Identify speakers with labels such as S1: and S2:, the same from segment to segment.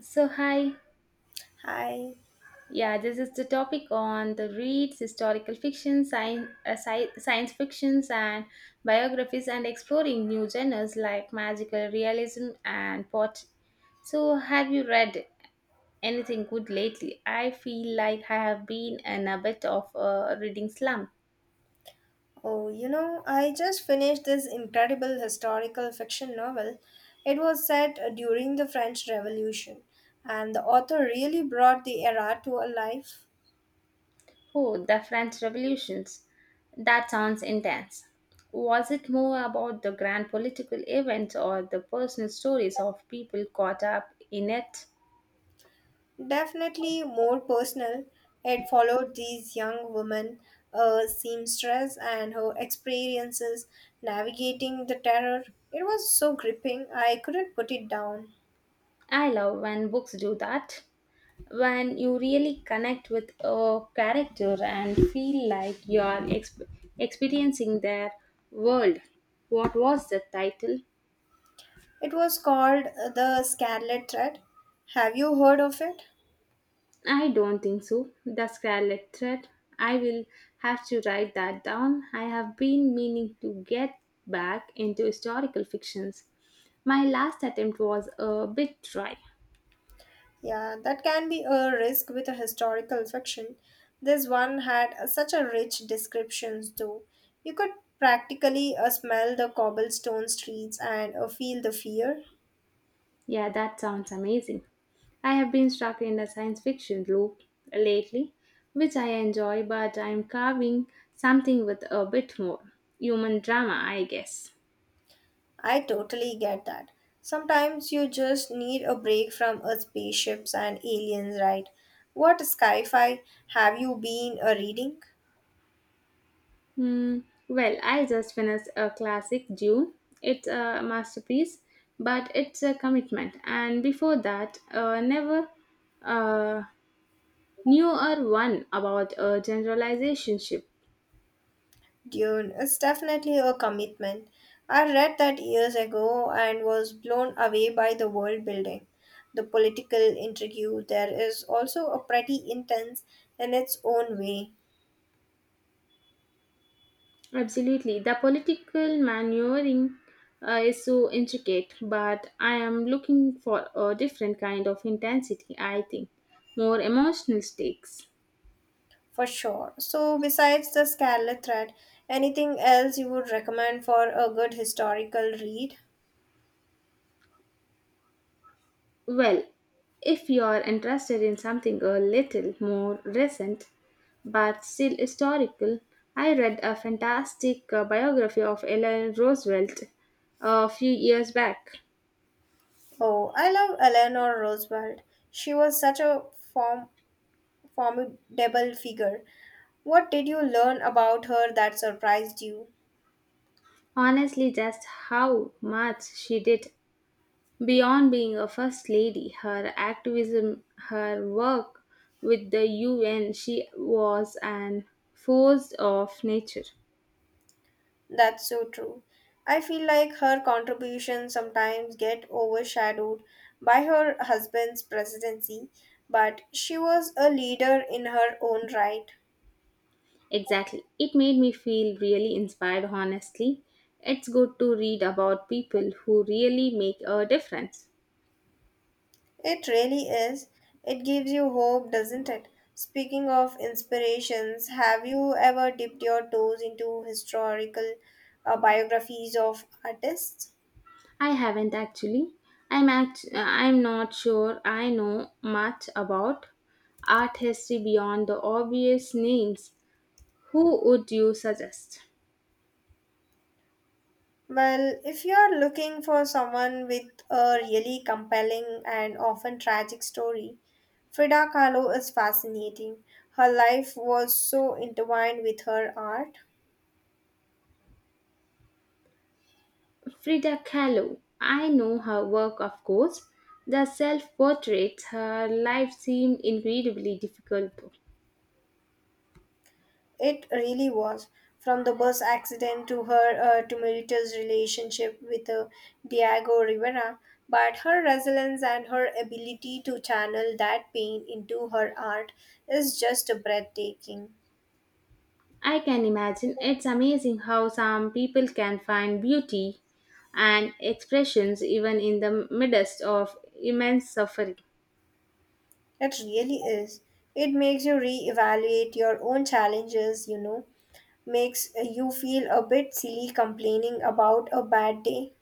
S1: So, hi.
S2: Hi.
S1: Yeah, this is the topic on the reads: historical fiction, science, science fictions, and biographies, and exploring new genres like magical realism and pot. So, have you read anything good lately? I feel like I have been in a bit of a reading slump.
S2: Oh, you know, I just finished this incredible historical fiction novel. It was set during the French Revolution, and the author really brought the era to a life.
S1: Oh, the French Revolutions. That sounds intense. Was it more about the grand political events or the personal stories of people caught up in it?
S2: Definitely more personal, it followed these young women, a seamstress, and her experiences navigating the terror. It was so gripping, I couldn't put it down.
S1: I love when books do that. When you really connect with a character and feel like you are experiencing their world. What was the title?
S2: It was called The Scarlet Thread. Have you heard of it?
S1: I don't think so. The Scarlet Thread. I will have to write that down. I have been meaning to get back into historical fictions. My last attempt was a bit dry.
S2: Yeah, that can be a risk with a historical fiction. This one had such a rich descriptions though. You could practically smell the cobblestone streets and feel the fear.
S1: Yeah, that sounds amazing. I have been stuck in the science fiction loop lately, which I enjoy, but I'm carving something with a bit more human drama, I guess.
S2: I totally get that. Sometimes you just need a break from spaceships and aliens, right? What sci-fi have you been reading?
S1: Hmm. Well, I just finished a classic Dune. It's a masterpiece, but it's a commitment. And before that, never uh, newer one about a generalization.
S2: Dune is definitely a commitment. I read that years ago and was blown away by the world building. The political intrigue there is also a pretty intense in its own way,
S1: Absolutely. The political maneuvering is so intricate, but I am looking for a different kind of intensity, I think. More emotional stakes.
S2: for sure. So, besides the Scarlet Thread, anything else you would recommend for a good historical read?
S1: Well, if you are interested in something a little more recent, but still historical, I read a fantastic biography of Eleanor Roosevelt a few years back.
S2: Oh, I love Eleanor Roosevelt. She was such a form- formidable figure. What did you learn about her that surprised you?
S1: Honestly, just how much she did beyond being a first lady, her activism, her work with the UN, she was an force of nature.
S2: That's so true. I feel like her contributions sometimes get overshadowed by her husband's presidency, but she was a leader in her own right.
S1: Exactly. It made me feel really inspired, honestly. It's good to read about people who really make a difference.
S2: It really is. It gives you hope, doesn't it? Speaking of inspirations, have you ever dipped your toes into historical biographies of artists?
S1: I haven't actually. I'm not sure I know much about art history beyond the obvious names. Who would you suggest?
S2: Well, if you're looking for someone with a really compelling and often tragic story, Frida Kahlo is fascinating. Her life was so intertwined with her art.
S1: Frida Kahlo. I know her work, of course. The self portraits, her life seemed incredibly difficult.
S2: It really was. From the bus accident to her tumultuous relationship with Diego Rivera, but her resilience and her ability to channel that pain into her art is just breathtaking.
S1: I can imagine it's amazing how some people can find beauty and expressions even in the midst of immense suffering.
S2: It really is. It makes you reevaluate your own challenges, you know, makes you feel a bit silly complaining about a bad day.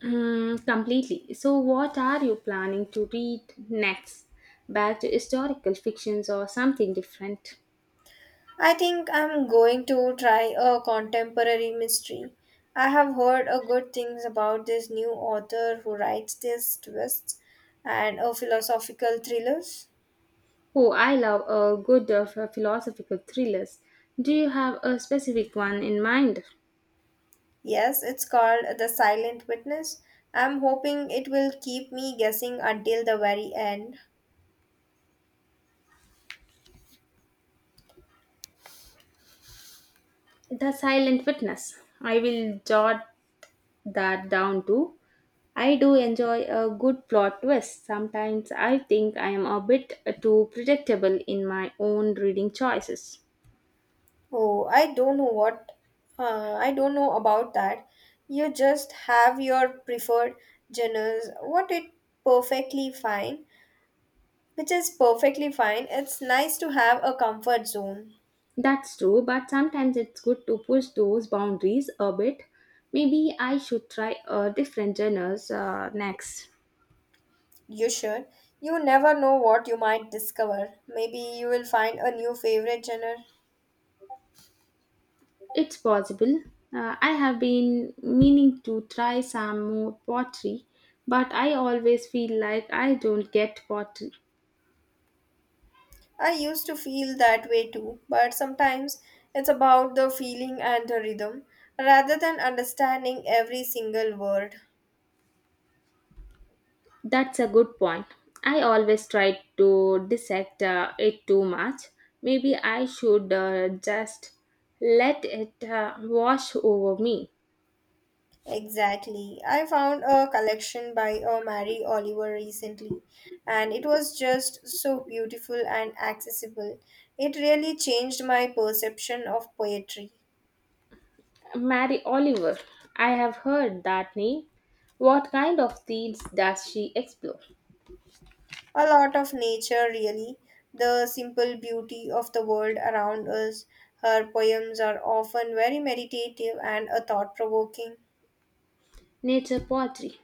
S1: Mm, completely. So, what are you planning to read next? Back to historical fictions or something different?
S2: I think I'm going to try a contemporary mystery. I have heard a good things about this new author who writes these twists and a philosophical thrillers.
S1: Oh, I love a good philosophical thrillers. Do you have a specific one in mind?
S2: Yes, it's called The Silent Witness. I'm hoping it will keep me guessing until the very end.
S1: The Silent Witness. I will jot that down too. I do enjoy a good plot twist. Sometimes I think I am a bit too predictable in my own reading choices.
S2: Oh, I don't know about that. You just have your preferred genres. What it perfectly fine, which is perfectly fine. It's nice to have a comfort zone.
S1: That's true, but sometimes it's good to push those boundaries a bit. Maybe I should try a different genres next.
S2: You should. You never know what you might discover. Maybe you will find a new favorite genre.
S1: It's possible. I have been meaning to try some more pottery, but I always feel like I don't get pottery.
S2: I used to feel that way too, but sometimes it's about the feeling and the rhythm rather than understanding every single word.
S1: That's a good point. I always try to dissect it too much. Maybe I should just let it wash over me.
S2: Exactly. I found a collection by Mary Oliver recently, and it was just so beautiful and accessible. It really changed my perception of poetry.
S1: Mary Oliver. I have heard that name. What kind of themes does she explore?
S2: A lot of nature, really, the simple beauty of the world around us. Her poems are often very meditative and thought provoking.
S1: Nature pottery.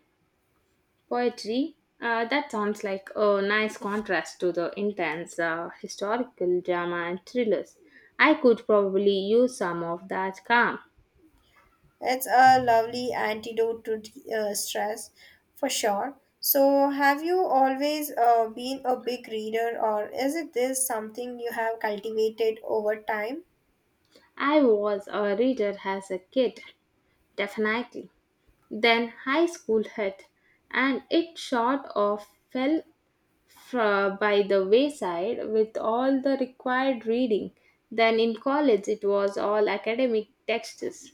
S1: Poetry, that sounds like a nice contrast to the intense historical drama and thrillers. I could probably use some of that calm.
S2: It's a lovely antidote to stress for sure. So, have you always been a big reader, or is it this something you have cultivated over time?
S1: I was a reader as a kid, definitely. Then high school hit, and it sort of fell by the wayside with all the required reading. Then in college, it was all academic texts.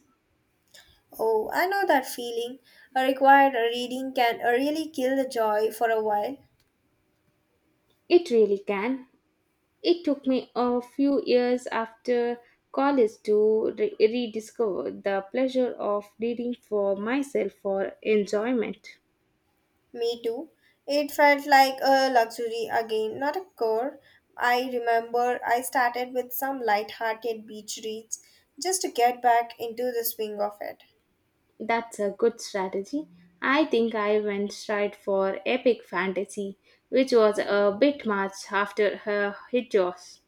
S2: Oh, I know that feeling. A required reading can really kill the joy for a while.
S1: It really can. It took me a few years after college to rediscover the pleasure of reading for myself for enjoyment.
S2: Me too. It felt like a luxury again, not a chore. I remember I started with some light-hearted beach reads just to get back into the swing of it.
S1: That's a good strategy. I think I went straight for epic fantasy, which was a bit much after her hit jaws.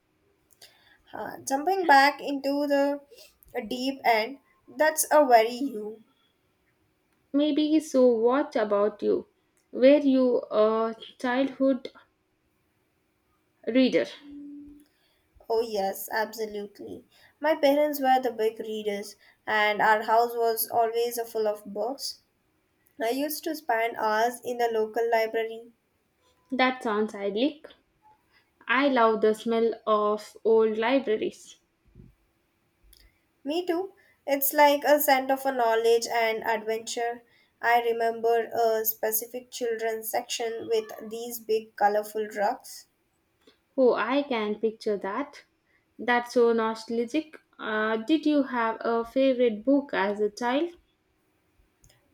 S2: Jumping back into the deep end, that's a very you.
S1: Maybe so. What about you? Were you a childhood reader?
S2: Oh, yes, absolutely. My parents were the big readers, and our house was always a full of books. I used to spend hours in the local library.
S1: That sounds idyllic. I love the smell of old libraries.
S2: Me too. It's like a center for knowledge and adventure. I remember a specific children's section with these big colorful rugs.
S1: Oh, I can picture that. That's so nostalgic. Did you have a favorite book as a child?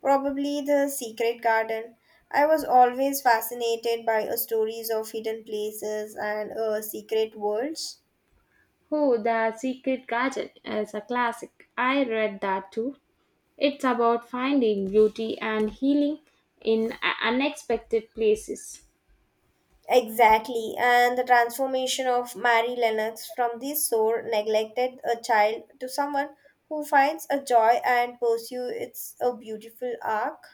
S2: Probably the secret garden. I was always fascinated by stories of hidden places and secret worlds.
S1: Oh, The Secret Garden is a classic. I read that too. It's about finding beauty and healing in unexpected places.
S2: Exactly, and the transformation of Mary Lennox from this sore, neglected a child to someone who finds a joy and pursue its a beautiful arc.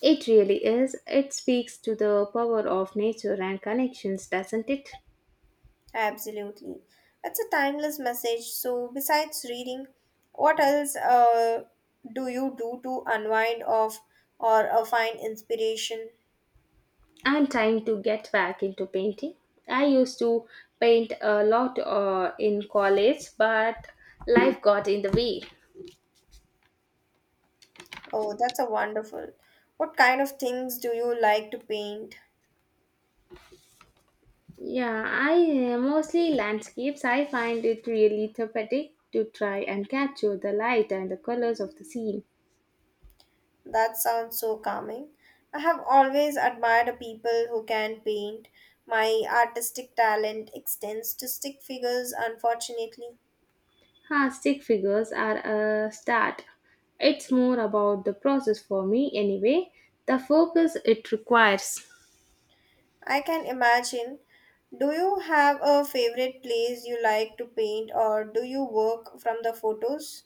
S1: It really is. It speaks to the power of nature and connections, doesn't it?
S2: Absolutely, it's a timeless message. So, besides reading, what else do you do to unwind off or find inspiration?
S1: I'm trying to get back into painting. I used to paint a lot in college, but life got in the way.
S2: Oh, that's a wonderful. What kind of things do you like to paint?
S1: Yeah, I mostly landscapes. I find it really therapeutic to try and capture the light and the colors of the scene.
S2: That sounds so calming. I have always admired people who can paint. My artistic talent extends to stick figures, unfortunately.
S1: Huh, stick figures are a start. It's more about the process for me anyway, the focus it requires.
S2: I can imagine. Do you have a favorite place you like to paint, or do you work from the photos?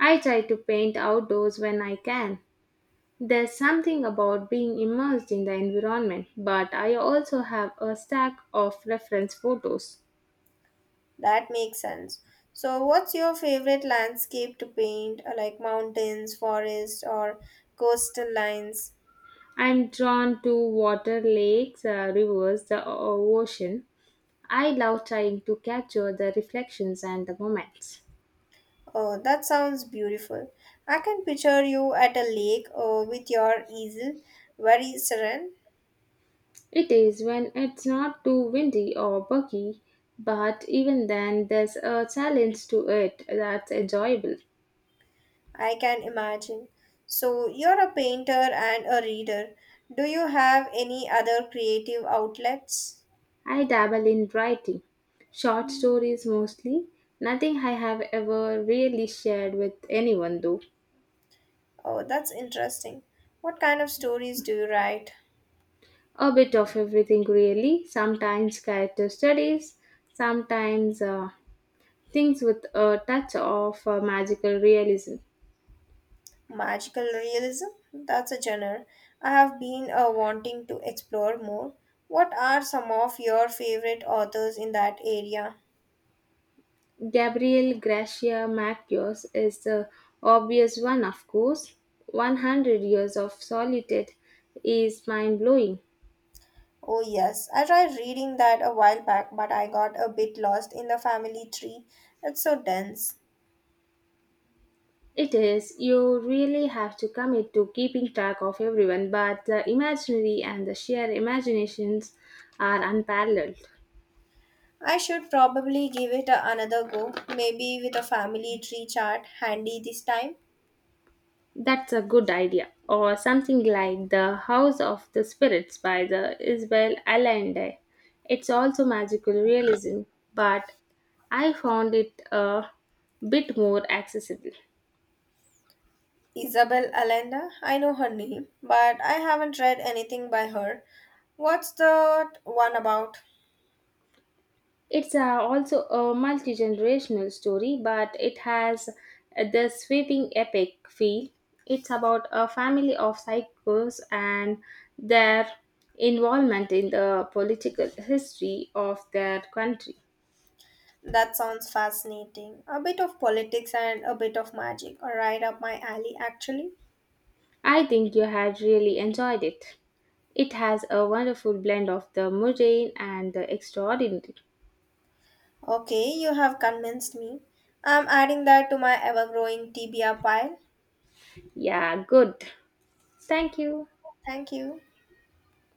S1: I try to paint outdoors when I can. There's something about being immersed in the environment, but I also have a stack of reference photos.
S2: That makes sense. So, what's your favorite landscape to paint, like mountains, forests, or coastal lines?
S1: I'm drawn to water, lakes, rivers, the ocean. I love trying to capture the reflections and the moments.
S2: Oh, that sounds beautiful. I can picture you at a lake with your easel, very serene.
S1: It is when it's not too windy or buggy, but even then, there's a challenge to it that's enjoyable.
S2: I can imagine. So, you're a painter and a reader. Do you have any other creative outlets?
S1: I dabble in writing, short stories mostly, nothing I have ever really shared with anyone though.
S2: Oh, that's interesting. What kind of stories do you write?
S1: A bit of everything really, sometimes character studies, sometimes things with a touch of magical realism.
S2: Magical realism? That's a genre I have been wanting to explore more. What are some of your favorite authors in that area?
S1: Gabriel Gracia Marquez is the obvious one, of course. 100 Years of Solitude is mind blowing.
S2: Oh, yes. I tried reading that a while back, but I got a bit lost in the family tree. It's so dense.
S1: It is. You really have to commit to keeping track of everyone, but the imaginary and the sheer imaginations are unparalleled.
S2: I should probably give it another go, maybe with a family tree chart handy this time.
S1: That's a good idea. Or something like The House of the Spirits by the Isabel Allende. It's also magical realism, but I found it a bit more accessible.
S2: Isabel Allende, I know her name, but I haven't read anything by her. What's the one about?
S1: It's also a multi generational story, but it has the sweeping epic feel. It's about a family of psychos and their involvement in the political history of their country.
S2: That sounds fascinating. A bit of politics and a bit of magic are right up my alley, actually.
S1: I think you had really enjoyed it. It has a wonderful blend of the mundane and the extraordinary.
S2: Okay, you have convinced me. I'm adding that to my ever growing TBR pile.
S1: Yeah, good. Thank you.
S2: Thank you.